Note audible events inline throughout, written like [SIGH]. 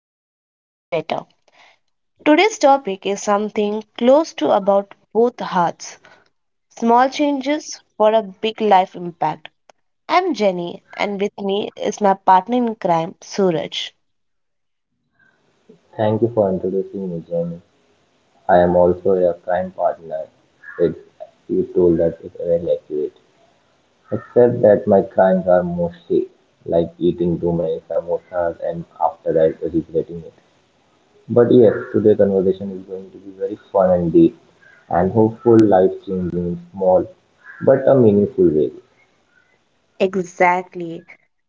of Everyday is Better. Today's topic is something close to about both hearts, small changes for a big life impact. I'm Jenny, and with me is my partner in crime, Suraj. Thank you for introducing me, Jamie. I am also a crime partner. It you told that it's very accurate. Except that my crimes are mostly like eating too many samosas and after that regretting it. But yes, today's conversation is going to be very fun and deep and hopeful life changing in small but a meaningful way. Exactly.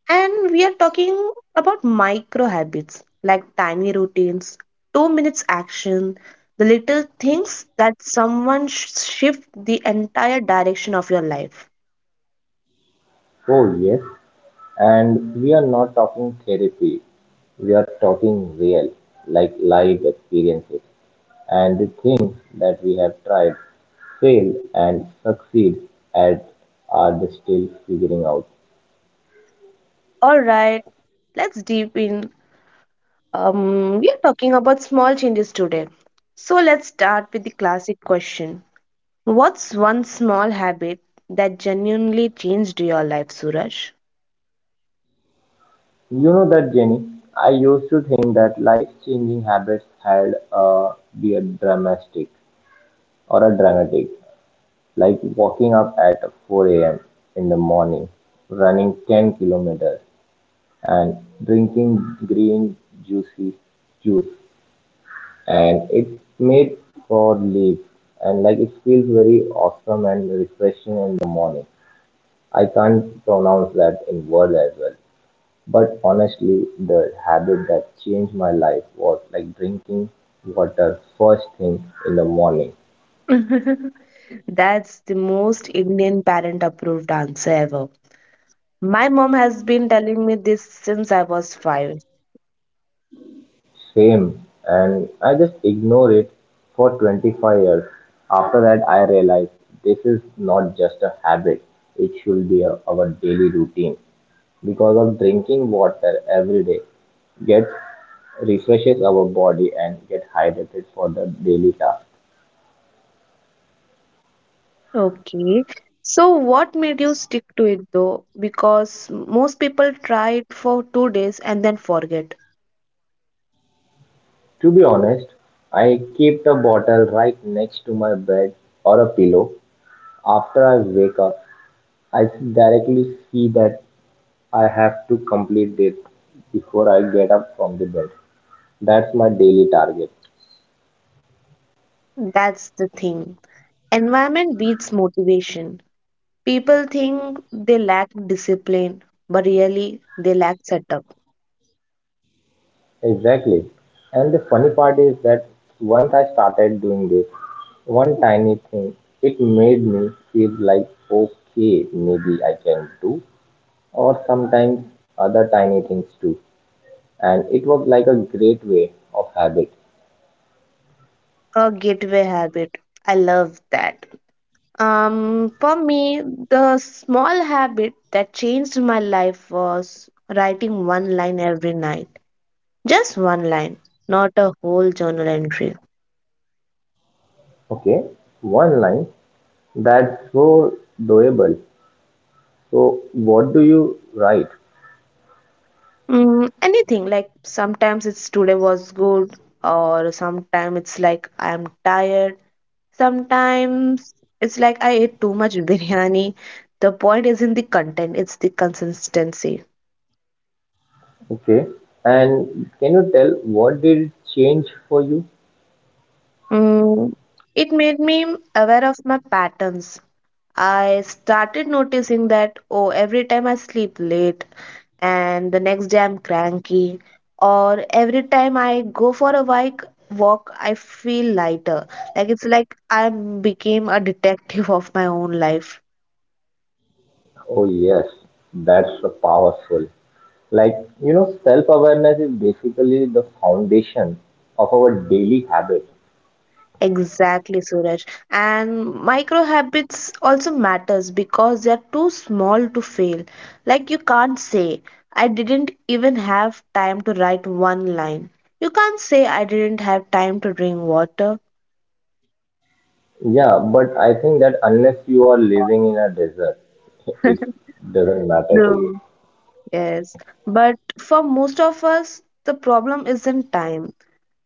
And we are talking about micro habits like tiny routines, 2 minutes action, the little things that shift the entire direction of your life. Oh yes, and we are not talking therapy. We are talking real, like live experiences. And the things that we have tried, failed and succeed at are the still figuring out. All right, let's deep in. We are talking about small changes today. So let's start with the classic question. What's one small habit that genuinely changed your life, Suraj? You know that Jenny, I used to think that life changing habits had be a dramatic or a dramatic, like waking up at 4 a.m. in the morning, running 10 kilometers and drinking green juicy juice and it's made for leaps and like it feels very awesome and refreshing in the morning. I can't pronounce that in word as well. But honestly, the habit that changed my life was like drinking water first thing in the morning. [LAUGHS] That's the most Indian parent approved answer ever. My mom has been telling me this since I was five. Same, and I just ignored it for 25 years. After that, I realized this is not just a habit; it should be a, our daily routine. Because of drinking water every day get refreshes our body and get hydrated for the daily task. Okay. So, what made you stick to it though? Because most people try it for 2 days and then forget. To be honest, I keep the bottle right next to my bed or a pillow. After I wake up, I directly see that I have to complete it before I get up from the bed. That's my daily target. That's the thing. Environment beats motivation. People think they lack discipline, but really they lack setup. Exactly. And the funny part is that once I started doing this, one tiny thing, it made me feel like, okay, maybe I can do, or sometimes other tiny things too. And it was like a great way of habit. A gateway habit. I love that. For me, the small habit that changed my life was writing one line every night. Just one line, not a whole journal entry. Okay, one line, that's so doable. So, what do you write? Mm, anything, like sometimes it's today was good, or sometimes it's like I'm tired. Sometimes it's like I ate too much biryani. The point isn't the content, it's the consistency. Okay, and can you tell what did it change for you? Mm, it made me aware of my patterns. I started noticing that, oh, every time I sleep late and the next day I'm cranky, or every time I go for a walk, I feel lighter. Like it's like I became a detective of my own life. Oh, yes, that's a powerful. Like, you know, self awareness is basically the foundation of our daily habit. Exactly, Suraj. And micro habits also matters because they are too small to fail. Like you can't say, I didn't even have time to write one line. You can't say, I didn't have time to drink water. Yeah, but I think that unless you are living in a desert, [LAUGHS] it doesn't matter to you. True. Yes, but for most of us, the problem isn't time.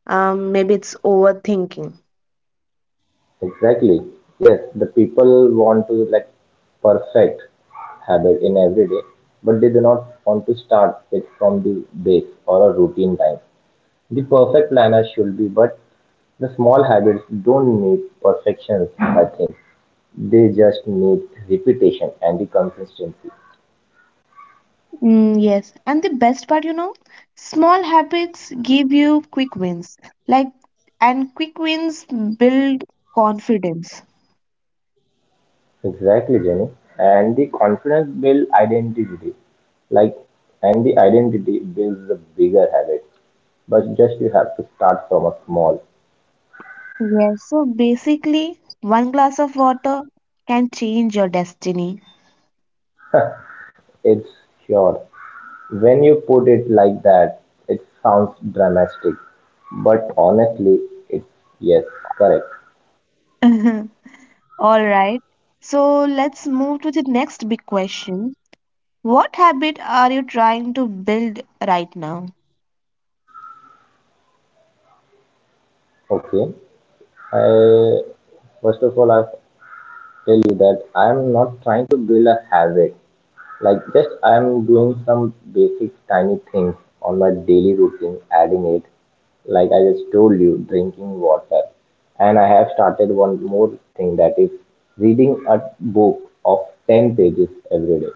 Maybe it's overthinking. Exactly. Yes, the people want to like perfect habit in every day, but they do not want to start it from the base or a routine time. The perfect planner should be, but the small habits don't need perfections, I think. They just need repetition and the consistency. Mm, yes, and the best part, you know, small habits give you quick wins. Like, and quick wins build confidence. Exactly, Jenny. And the confidence builds identity. Like, and the identity builds a bigger habit. But just you have to start from a small. Yes, so basically, one glass of water can change your destiny. It's sure. When you put it like that, it sounds dramatic. But honestly, it's yes, correct. [LAUGHS] All right, so let's move to the next big question. What habit are you trying to build right now? Okay. I first of all I tell you that I am not trying to build a habit. Like just I'm doing some basic tiny things on my daily routine, adding it, like I just told you, drinking water. And I have started one more thing that is reading a book of 10 pages every day.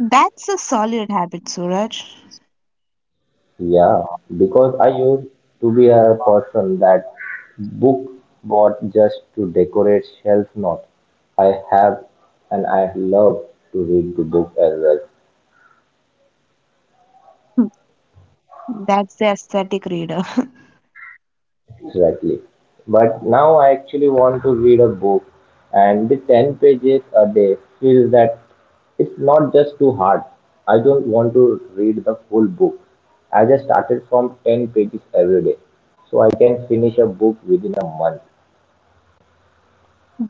That's a solid habit, Suraj. Yeah, because I used to be a person that book bought just to decorate shelf not. I have and I love to read the book as well. [LAUGHS] That's the aesthetic reader. Exactly. But now I actually want to read a book, and the 10 pages a day feels that it's not just too hard. I don't want to read the full book. I just started from 10 pages every day, so I can finish a book within a month.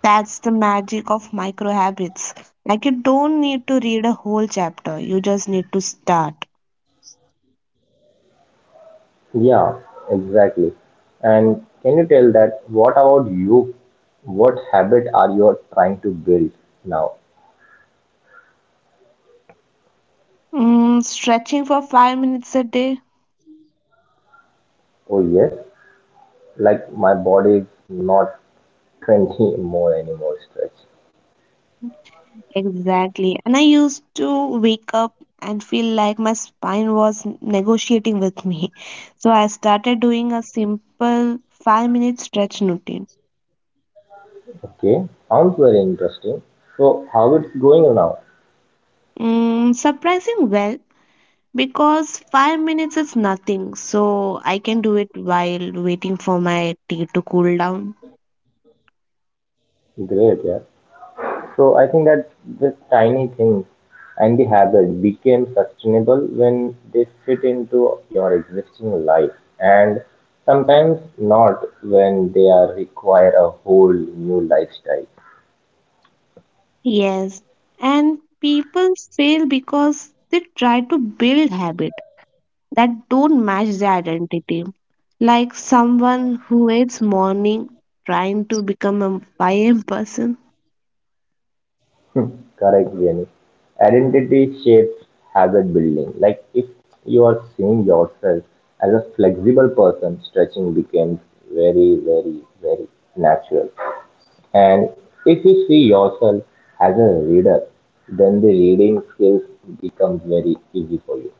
That's the magic of micro habits. Like you don't need to read a whole chapter, you just need to start. Yeah, exactly. And can you tell that what about you? What habit are you trying to build now? Mm, stretching for 5 minutes a day. Oh, yes, like my body is not [LAUGHS] 20 more anymore stretch. Exactly. And I used to wake up and feel like my spine was negotiating with me. So I started doing a simple 5 minute stretch routine. Okay, sounds very interesting. So, how it's going now? Mm, surprising well, because 5 minutes is nothing. So I can do it while waiting for my tea to cool down. Great, yeah. So, I think that this tiny things and the habit became sustainable when they fit into your existing life, and sometimes not when they are require a whole new lifestyle. Yes, and people fail because they try to build habits that don't match their identity. Like someone who hates morning trying to become a 5 a.m. a m person. Correct, Jenny. Identity shapes habit building. Like if you are seeing yourself as a flexible person, stretching becomes very natural. And if you see yourself as a reader, then the reading skills becomes very easy for you.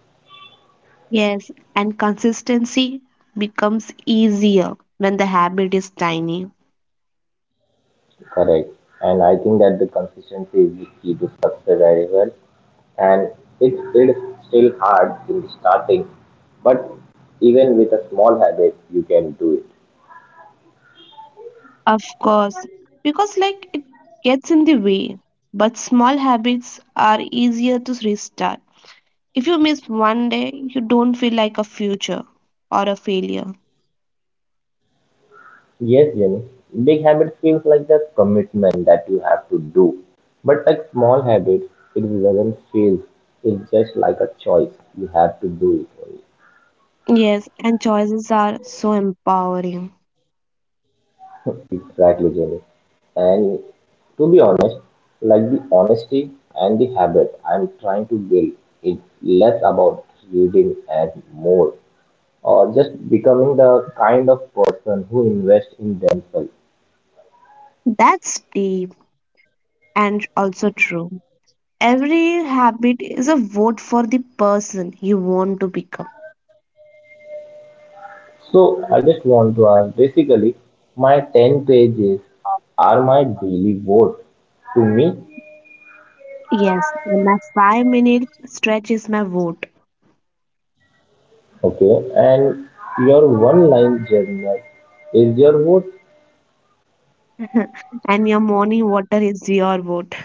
Yes, and consistency becomes easier when the habit is tiny. Correct. And I think that the consistency is the key to success very well. And it is still hard in the starting, but even with a small habit, you can do it. Of course, because like it gets in the way, but small habits are easier to restart. If you miss one day, you don't feel like a future or a failure. Yes, Jenny. Big habits feels like the commitment that you have to do. But like small habits, it doesn't feel. It's just like a choice. You have to do it. Only. Yes, and choices are so empowering. Exactly, Jenny. And to be honest, like the honesty and the habit I'm trying to build, it's less about reading and more, or just becoming the kind of person who invests in themselves. That's deep and also true. Every habit is a vote for the person you want to become. So I just want to ask, basically, my 10 pages are my daily vote to me, Yes, my 5 minute stretch is my vote, okay? And your one line journal is your vote. [LAUGHS] and your morning water is your vote.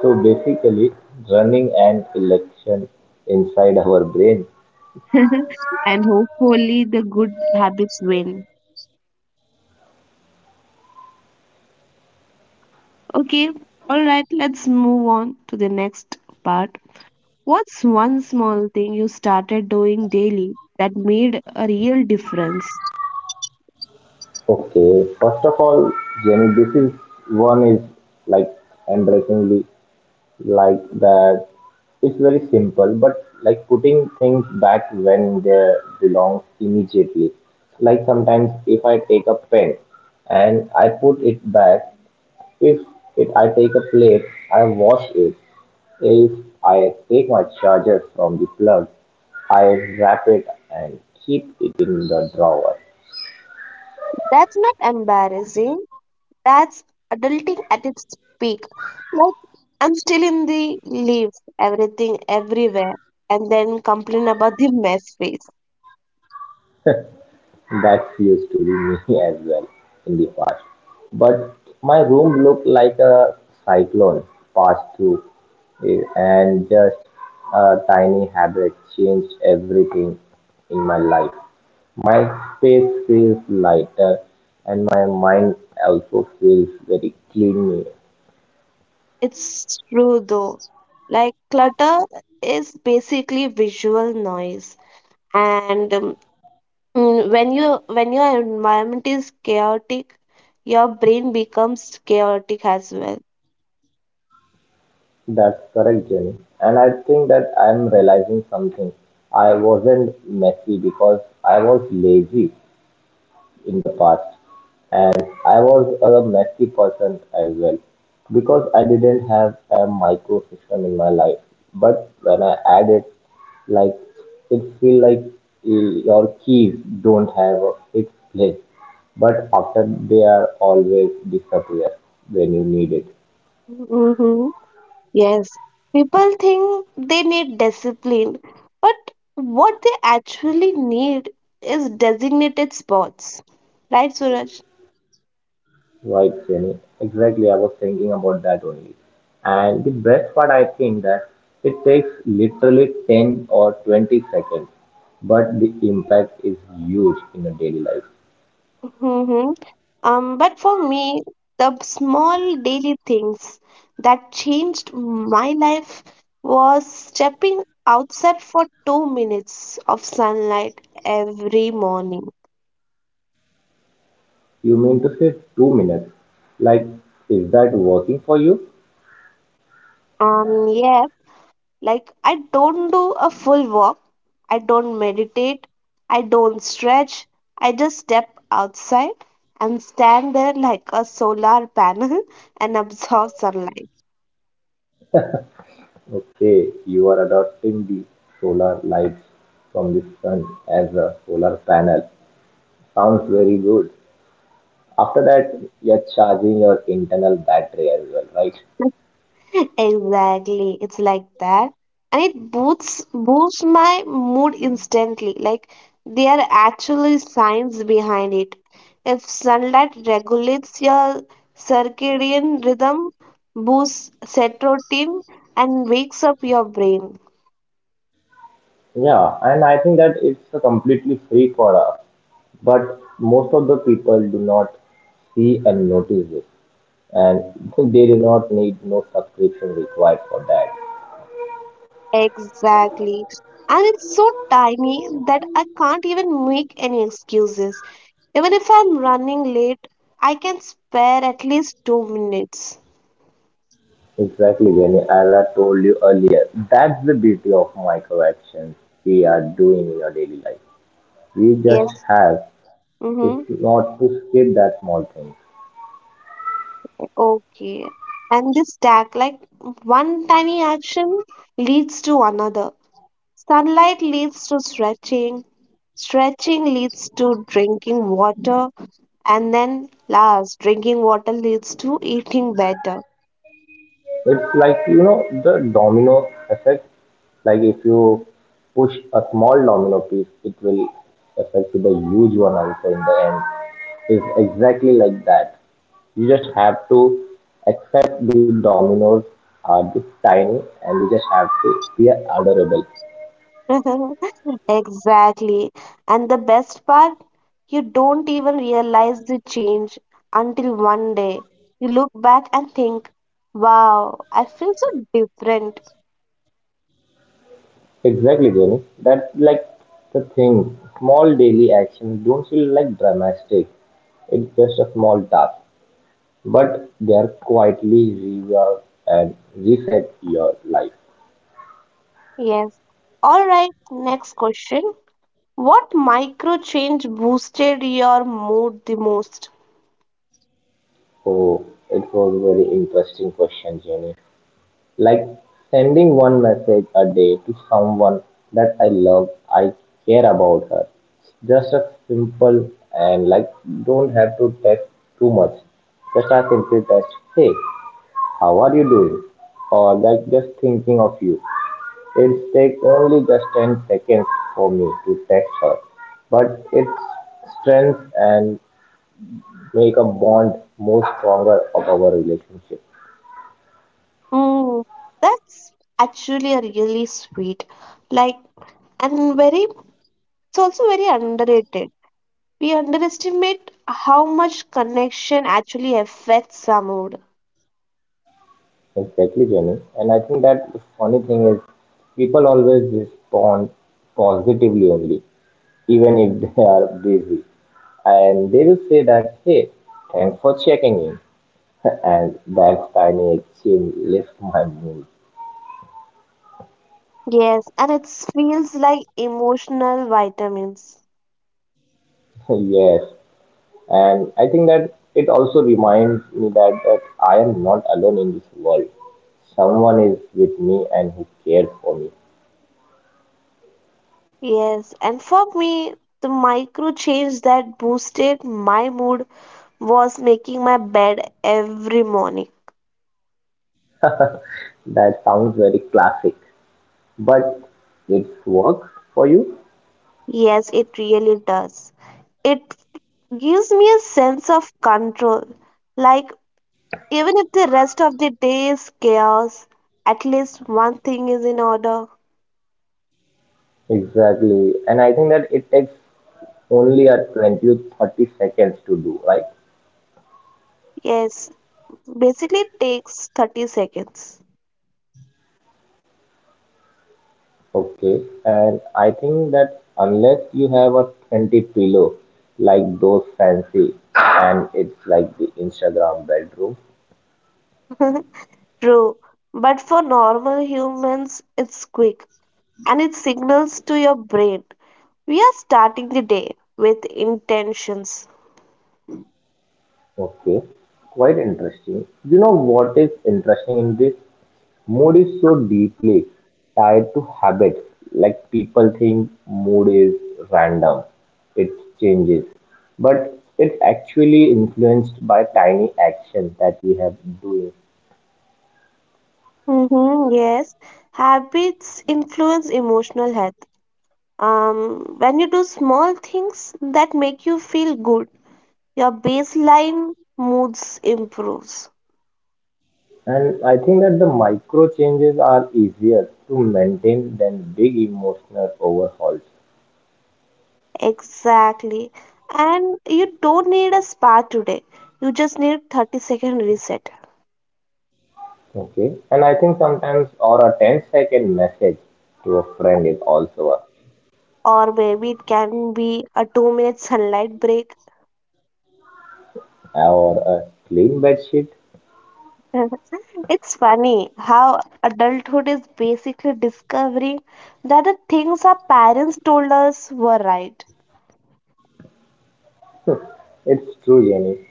So basically, running an election inside our brain. [LAUGHS] And hopefully, the good habits win. Okay, all right, let's move on to the next part. What's one small thing you started doing daily that made a real difference? Okay, first of all, Jenny, this is one is like embarrassingly like that. It's very simple, but like putting things back when they belong immediately. Like sometimes if I take a pen and I put it back, if it I take a plate, I wash it. If I take my charger from the plug, I wrap it and keep it in the drawer. That's not embarrassing. That's adulting at its peak. Like, I'm still in the leave everything everywhere and then complain about the mess face. That used to be me [LAUGHS] as well in the past. But my room looked like a cyclone passed through, eh, and just a tiny habit changed everything in my life. My space feels lighter, and my mind also feels very clean. It's true though. Like, clutter is basically visual noise. And Mm, when you when your environment is chaotic, your brain becomes chaotic as well. That's correct, Jenny. And I think that I'm realizing something. I wasn't messy because I was lazy in the past. And I was a messy person as well because I didn't have a micro system in my life. But when I add it, like it feel like eh, your keys don't have a fixed place. But after they are always disappear when you need it. Mm-hmm. Yes. People think they need discipline, but what they actually need is designated spots. Right, Suraj? Right, Jenny. Exactly. I was thinking about that only. And the best part, I think that it takes literally 10 or 20 seconds, but the impact is huge in a daily life. Hmm. But for me, the small daily things that changed my life was stepping outside for 2 minutes of sunlight every morning. You mean to say 2 minutes? Like, is that working for you? Yeah, like I don't do a full walk, I don't meditate, I don't stretch, I just step outside and stand there like a solar panel [LAUGHS] and absorb sunlight. Okay, you are adopting the solar lights from the sun as a solar panel. Sounds very good. After that, [LAUGHS] you're charging your internal battery as well, right? Exactly. It's like that. And it boosts my mood instantly. Like there are actually science behind it. If sunlight regulates your circadian rhythm, boosts serotonin and wakes up your brain. Yeah, and I think that it's a completely free for us, but most of the people do not see and notice it, and [LAUGHS] they do not need no subscription required for that. Exactly. And it's so tiny that I can't even make any excuses. Even if I'm running late, I can spare at least 2 minutes. Exactly, Jenny. As I told you earlier, that's the beauty of micro actions we are doing in our daily life. We just Yes. have to Mm-hmm. not to skip that small thing. Okay. And this stack, like one tiny action leads to another. Sunlight leads to stretching, stretching leads to drinking water, and then last, drinking water leads to eating better. It's like, you know, the domino effect. Like if you push a small domino piece, it will affect to the huge one also in the end. It's exactly like that. You just have to accept the dominoes are just tiny and you just have to be adorable. [LAUGHS] Exactly. And the best part, you don't even realize the change until one day you look back and think, wow, I feel so different. Exactly, Jenny. That's like the thing. Small daily actions don't feel like dramatic. It's just a small task. But they're quietly rework and reset your life. Yes. All right, next question. What micro change boosted your mood the most? Oh, it was a very interesting question, Jenny. Like sending one message a day to someone that I love, I care about her. Just a simple and like don't have to text too much. Just a simple text. Hey, how are you doing? Or like just thinking of you. It takes only just 10 seconds for me to text her, but it's strength and make a bond more stronger of our relationship. Hmm, that's actually a really sweet, like, and very, it's also very underrated. We underestimate how much connection actually affects our mood. Exactly, Jenny. And I think that the funny thing is people always respond positively only, even if they are busy. And they will say that, hey, thanks for checking in. [LAUGHS] And that tiny exchange lifts my mood. Yes, and it feels like emotional vitamins. [LAUGHS] Yes, and I think that it also reminds me that I am not alone in this world. Someone is with me and who cares for me. Yes, and for me, the micro change that boosted my mood was making my bed every morning. That sounds very classic, but it's work for you. Yes, it really does. It gives me a sense of control. Like, even if the rest of the day is chaos, at least one thing is in order. Exactly. And I think that it takes only a 20 to 30 seconds to do, right? Yes, basically it takes 30 seconds. Okay. And I think that unless you have a 20 pillow like those fancy and it's like the Instagram bedroom, [LAUGHS] True, but for normal humans, it's quick and it signals to your brain we are starting the day with intentions. okay, quite interesting. You know what is interesting in this? Mood is so deeply tied to habits. Like people think mood is random, it changes, but it's actually influenced by tiny actions that we have doing. Hmm, yes, habits influence emotional health. Um, when you do small things that make you feel good, your baseline moods improves. And I think that the micro changes are easier to maintain than big emotional overhauls. Exactly. And you don't need a spa today. You just need 30-second reset. Okay, and I think sometimes or a 10 second message to a friend is also a Or maybe it can be a 2-minute sunlight break. or a clean bed sheet. [LAUGHS] It's funny how adulthood is basically discovering that the things our parents told us were right. It's true, Jenny.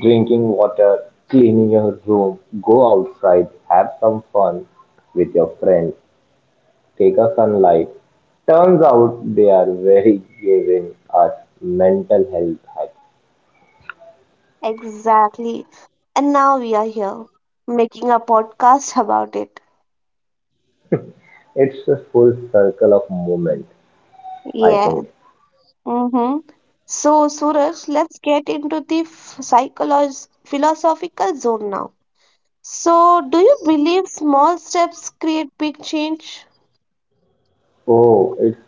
Drinking water, cleaning your room, go outside, have some fun with your friends, take a sunlight. Turns out they are very giving us mental health hacks. Exactly. And now we are here making a podcast about it. It's a full circle of movement, I Yeah. think. Mm-hmm. So, Suraj, let's get into the psychological philosophical zone now. So, do you believe small steps create big change? Oh, it's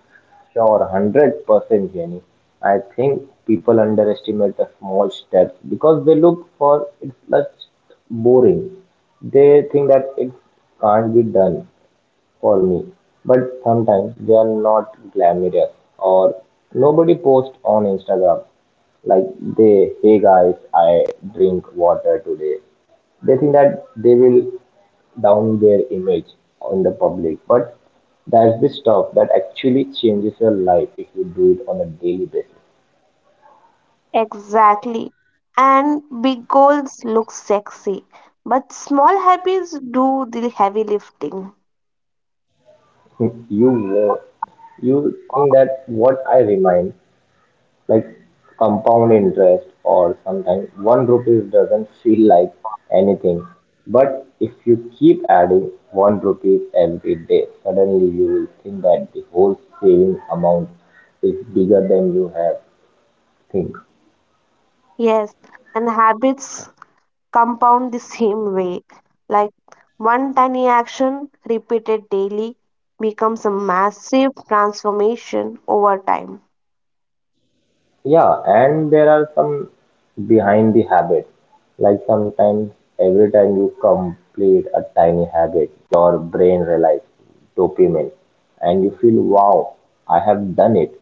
sure, 100% Jenny. I think people underestimate the small steps because they look for it's just boring. They think that it can't be done for me. But sometimes they are not glamorous or nobody posts on Instagram like they, hey guys, I drink water today. They think that they will down their image in the public. But that's the stuff that actually changes your life if you do it on a daily basis. Exactly. And big goals look sexy, but small habits do the heavy lifting. [LAUGHS] You know, you think that what I remind, like compound interest or sometimes one rupees doesn't feel like anything. But if you keep adding one rupees every day, suddenly you will think that the whole saving amount is bigger than you have think. Yes, and habits compound the same way. Like one tiny action repeated daily becomes a massive transformation over time. Yeah, and there are some behind the habit. Like sometimes, every time you complete a tiny habit, your brain realizes dopamine and you feel, wow, I have done it.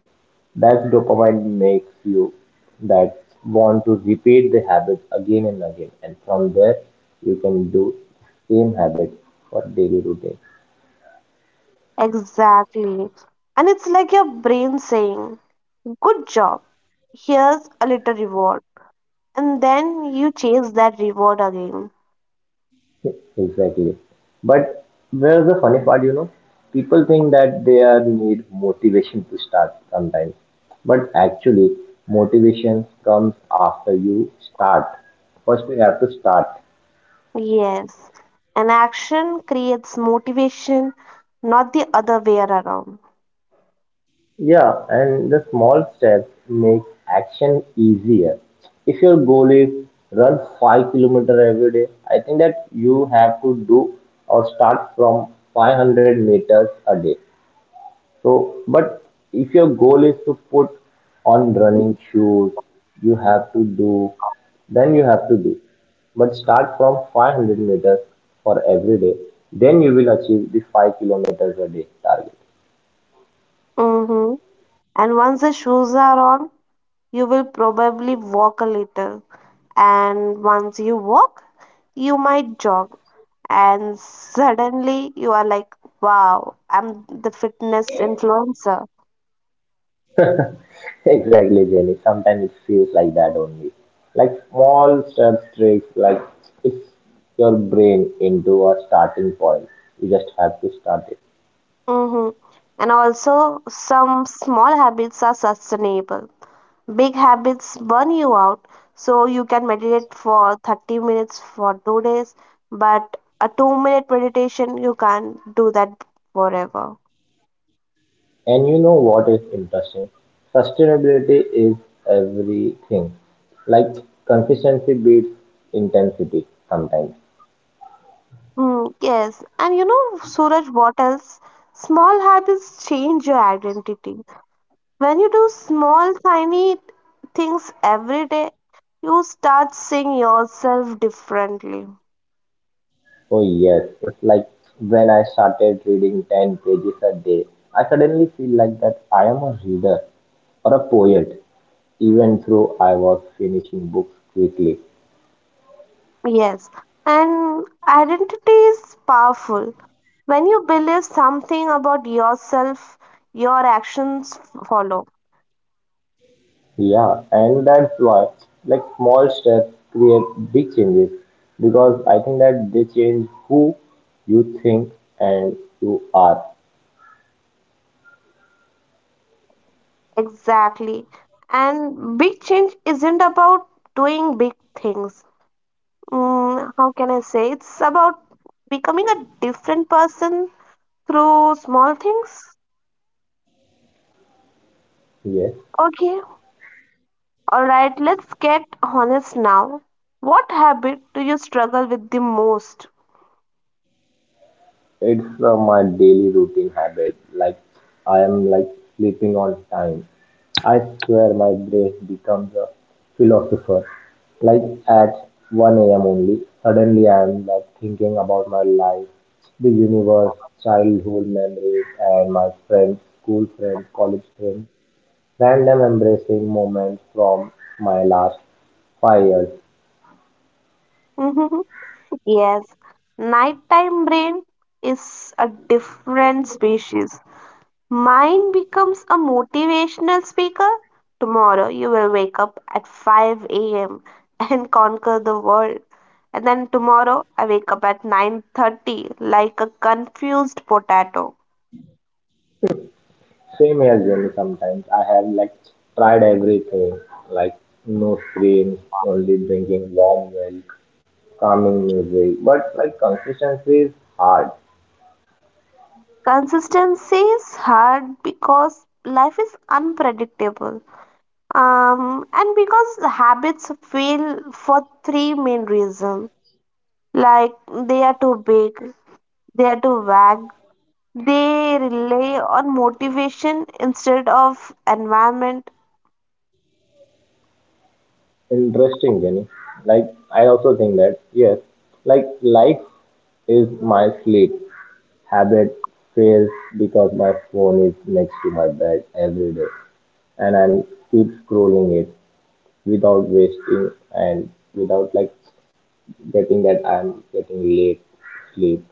That dopamine makes you that want to repeat the habit again and again. And from there, you can do same habit for daily routine. Exactly. And it's like your brain saying, good job, here's a little reward. And then you chase that reward again. Exactly. But where's the funny part, you know? People think that they are need motivation to start sometimes. But actually, motivation comes after you start. First, we have to start. Yes, an action creates motivation, not the other way around. Yeah, and the small steps make action easier. If your goal is run 5-kilometer every day, I think that you have to do or start from 500 meters a day. So, but if your goal is to put on running shoes, you have to do, then you have to do. But start from 500 meters for every day. Then you will achieve the 5 kilometers a day target. Mm-hmm. And once the shoes are on, you will probably walk a little. And once you walk, you might jog. And suddenly you are like, wow, I'm the fitness influencer. [LAUGHS] Exactly, Jenny. Sometimes it feels like that only. Like small steps, tricks, like it's your brain into a starting point. You just have to start it. Mm-hmm. And also, some small habits are sustainable. Big habits burn you out, so you can meditate for 30 minutes for 2 days, but a 2 minute meditation, you can't do that forever. And you know what is interesting? Sustainability is everything. Like consistency beats intensity sometimes. Mm, yes, and you know, Suraj, what else? Small habits change your identity. When you do small, tiny things every day, you start seeing yourself differently. Oh yes, it's like when I started reading 10 pages a day, I suddenly feel like that I am a reader or a poet, even though I was finishing books quickly. Yes, and identity is powerful. When you believe something about yourself, your actions follow. Yeah, and that's why like small steps create big changes because I think that they change who you think and you are. Exactly. And big change isn't about doing big things. Mm, how can I say? It's about becoming a different person through small things. Yes, Okay, alright, let's get honest now. What habit do you struggle with the most? it's my daily routine habit. Like I am like sleeping on time, I swear my brain becomes a philosopher. Like at 1 a.m. only, suddenly I am like thinking about my life, the universe, childhood memories, and my friends, school friends, college friends, random embracing moments from my last 5 years. [LAUGHS] Yes, nighttime brain is a different species. Mine becomes a motivational speaker. Tomorrow you will wake up at 5 a.m. and [LAUGHS] conquer the world. And then tomorrow I wake up at 9:30 like a confused potato. Same as Jenny sometimes. I have like tried everything, like no screens, only drinking warm milk, calming music. But like consistency is hard. Consistency is hard because life is unpredictable. Um, and because habits fail for three main reasons. Like they are too big, they are too vague. They rely on motivation instead of environment. Interesting, Jenny. Like, I also think that, yes, like, life is my sleep. Habit fails because my phone is next to my bed every day and I keep scrolling it without wasting and without like getting that I'm getting late sleep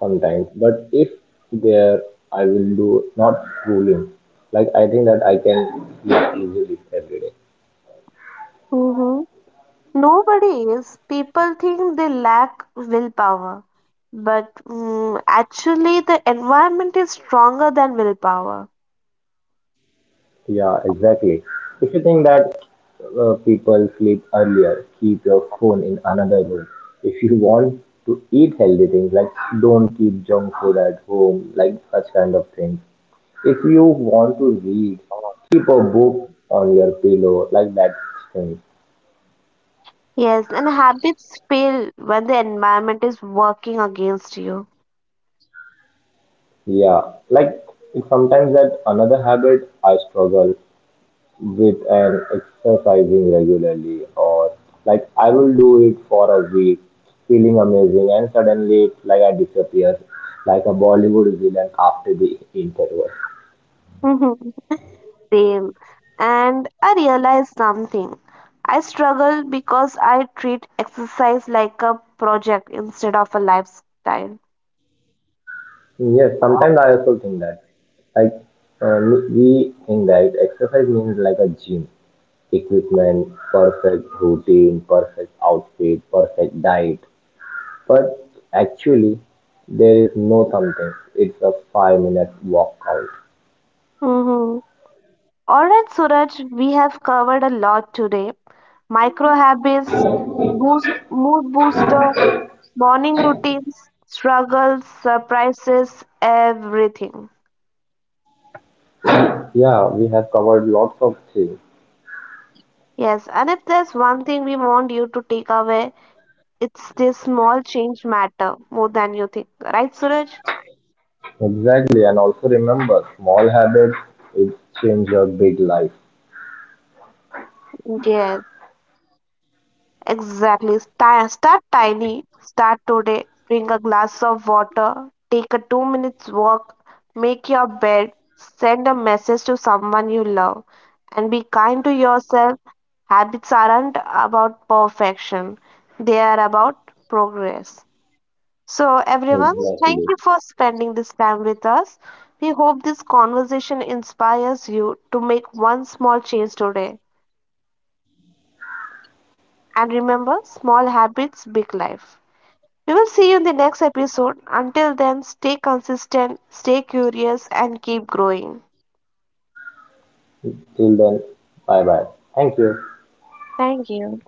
sometimes. But if there I will do not scrolling, like, I think that I can sleep easily every day. Hmm. Nobody is. People think they lack willpower, but actually, the environment is stronger than willpower. Yeah, exactly. If you think that people sleep earlier, keep your phone in another room. If you want to eat healthy things, like don't keep junk food at home, like such kind of things. If you want to read, keep a book on your pillow, like that thing. Yes, and habits fail when the environment is working against you. Yeah, like sometimes that another habit I struggle with and exercising regularly or like I will do it for a week, feeling amazing and suddenly it's like I disappear like a Bollywood villain after the interval. [LAUGHS] Same. And I realized something. I struggle because I treat exercise like a project instead of a lifestyle. Yes, sometimes I also think that like we think that exercise means like a gym equipment, perfect routine, perfect outfit, perfect diet. But actually, there is no something. It's a 5 minute walkout. Mm-hmm. All right, Suraj, we have covered a lot today. Micro habits, boost, mood booster, morning routines, struggles, surprises, everything. Yeah, we have covered lots of things. Yes, and if there's one thing we want you to take away, it's this small change matter more than you think. Right, Suraj? Exactly, and also remember, small habits it change your big life. Yes. Exactly. Start tiny. Start today. Bring a glass of water. Take a 2 minutes walk. Make your bed. Send a message to someone you love. And be kind to yourself. Habits aren't about perfection, they are about progress. So, everyone, thank Exactly. you for spending this time with us. We hope this conversation inspires you to make one small change today. And remember, small habits, big life. We will see you in the next episode. Until then, stay consistent, stay curious, and keep growing. Till then, bye bye. Thank you. Thank you.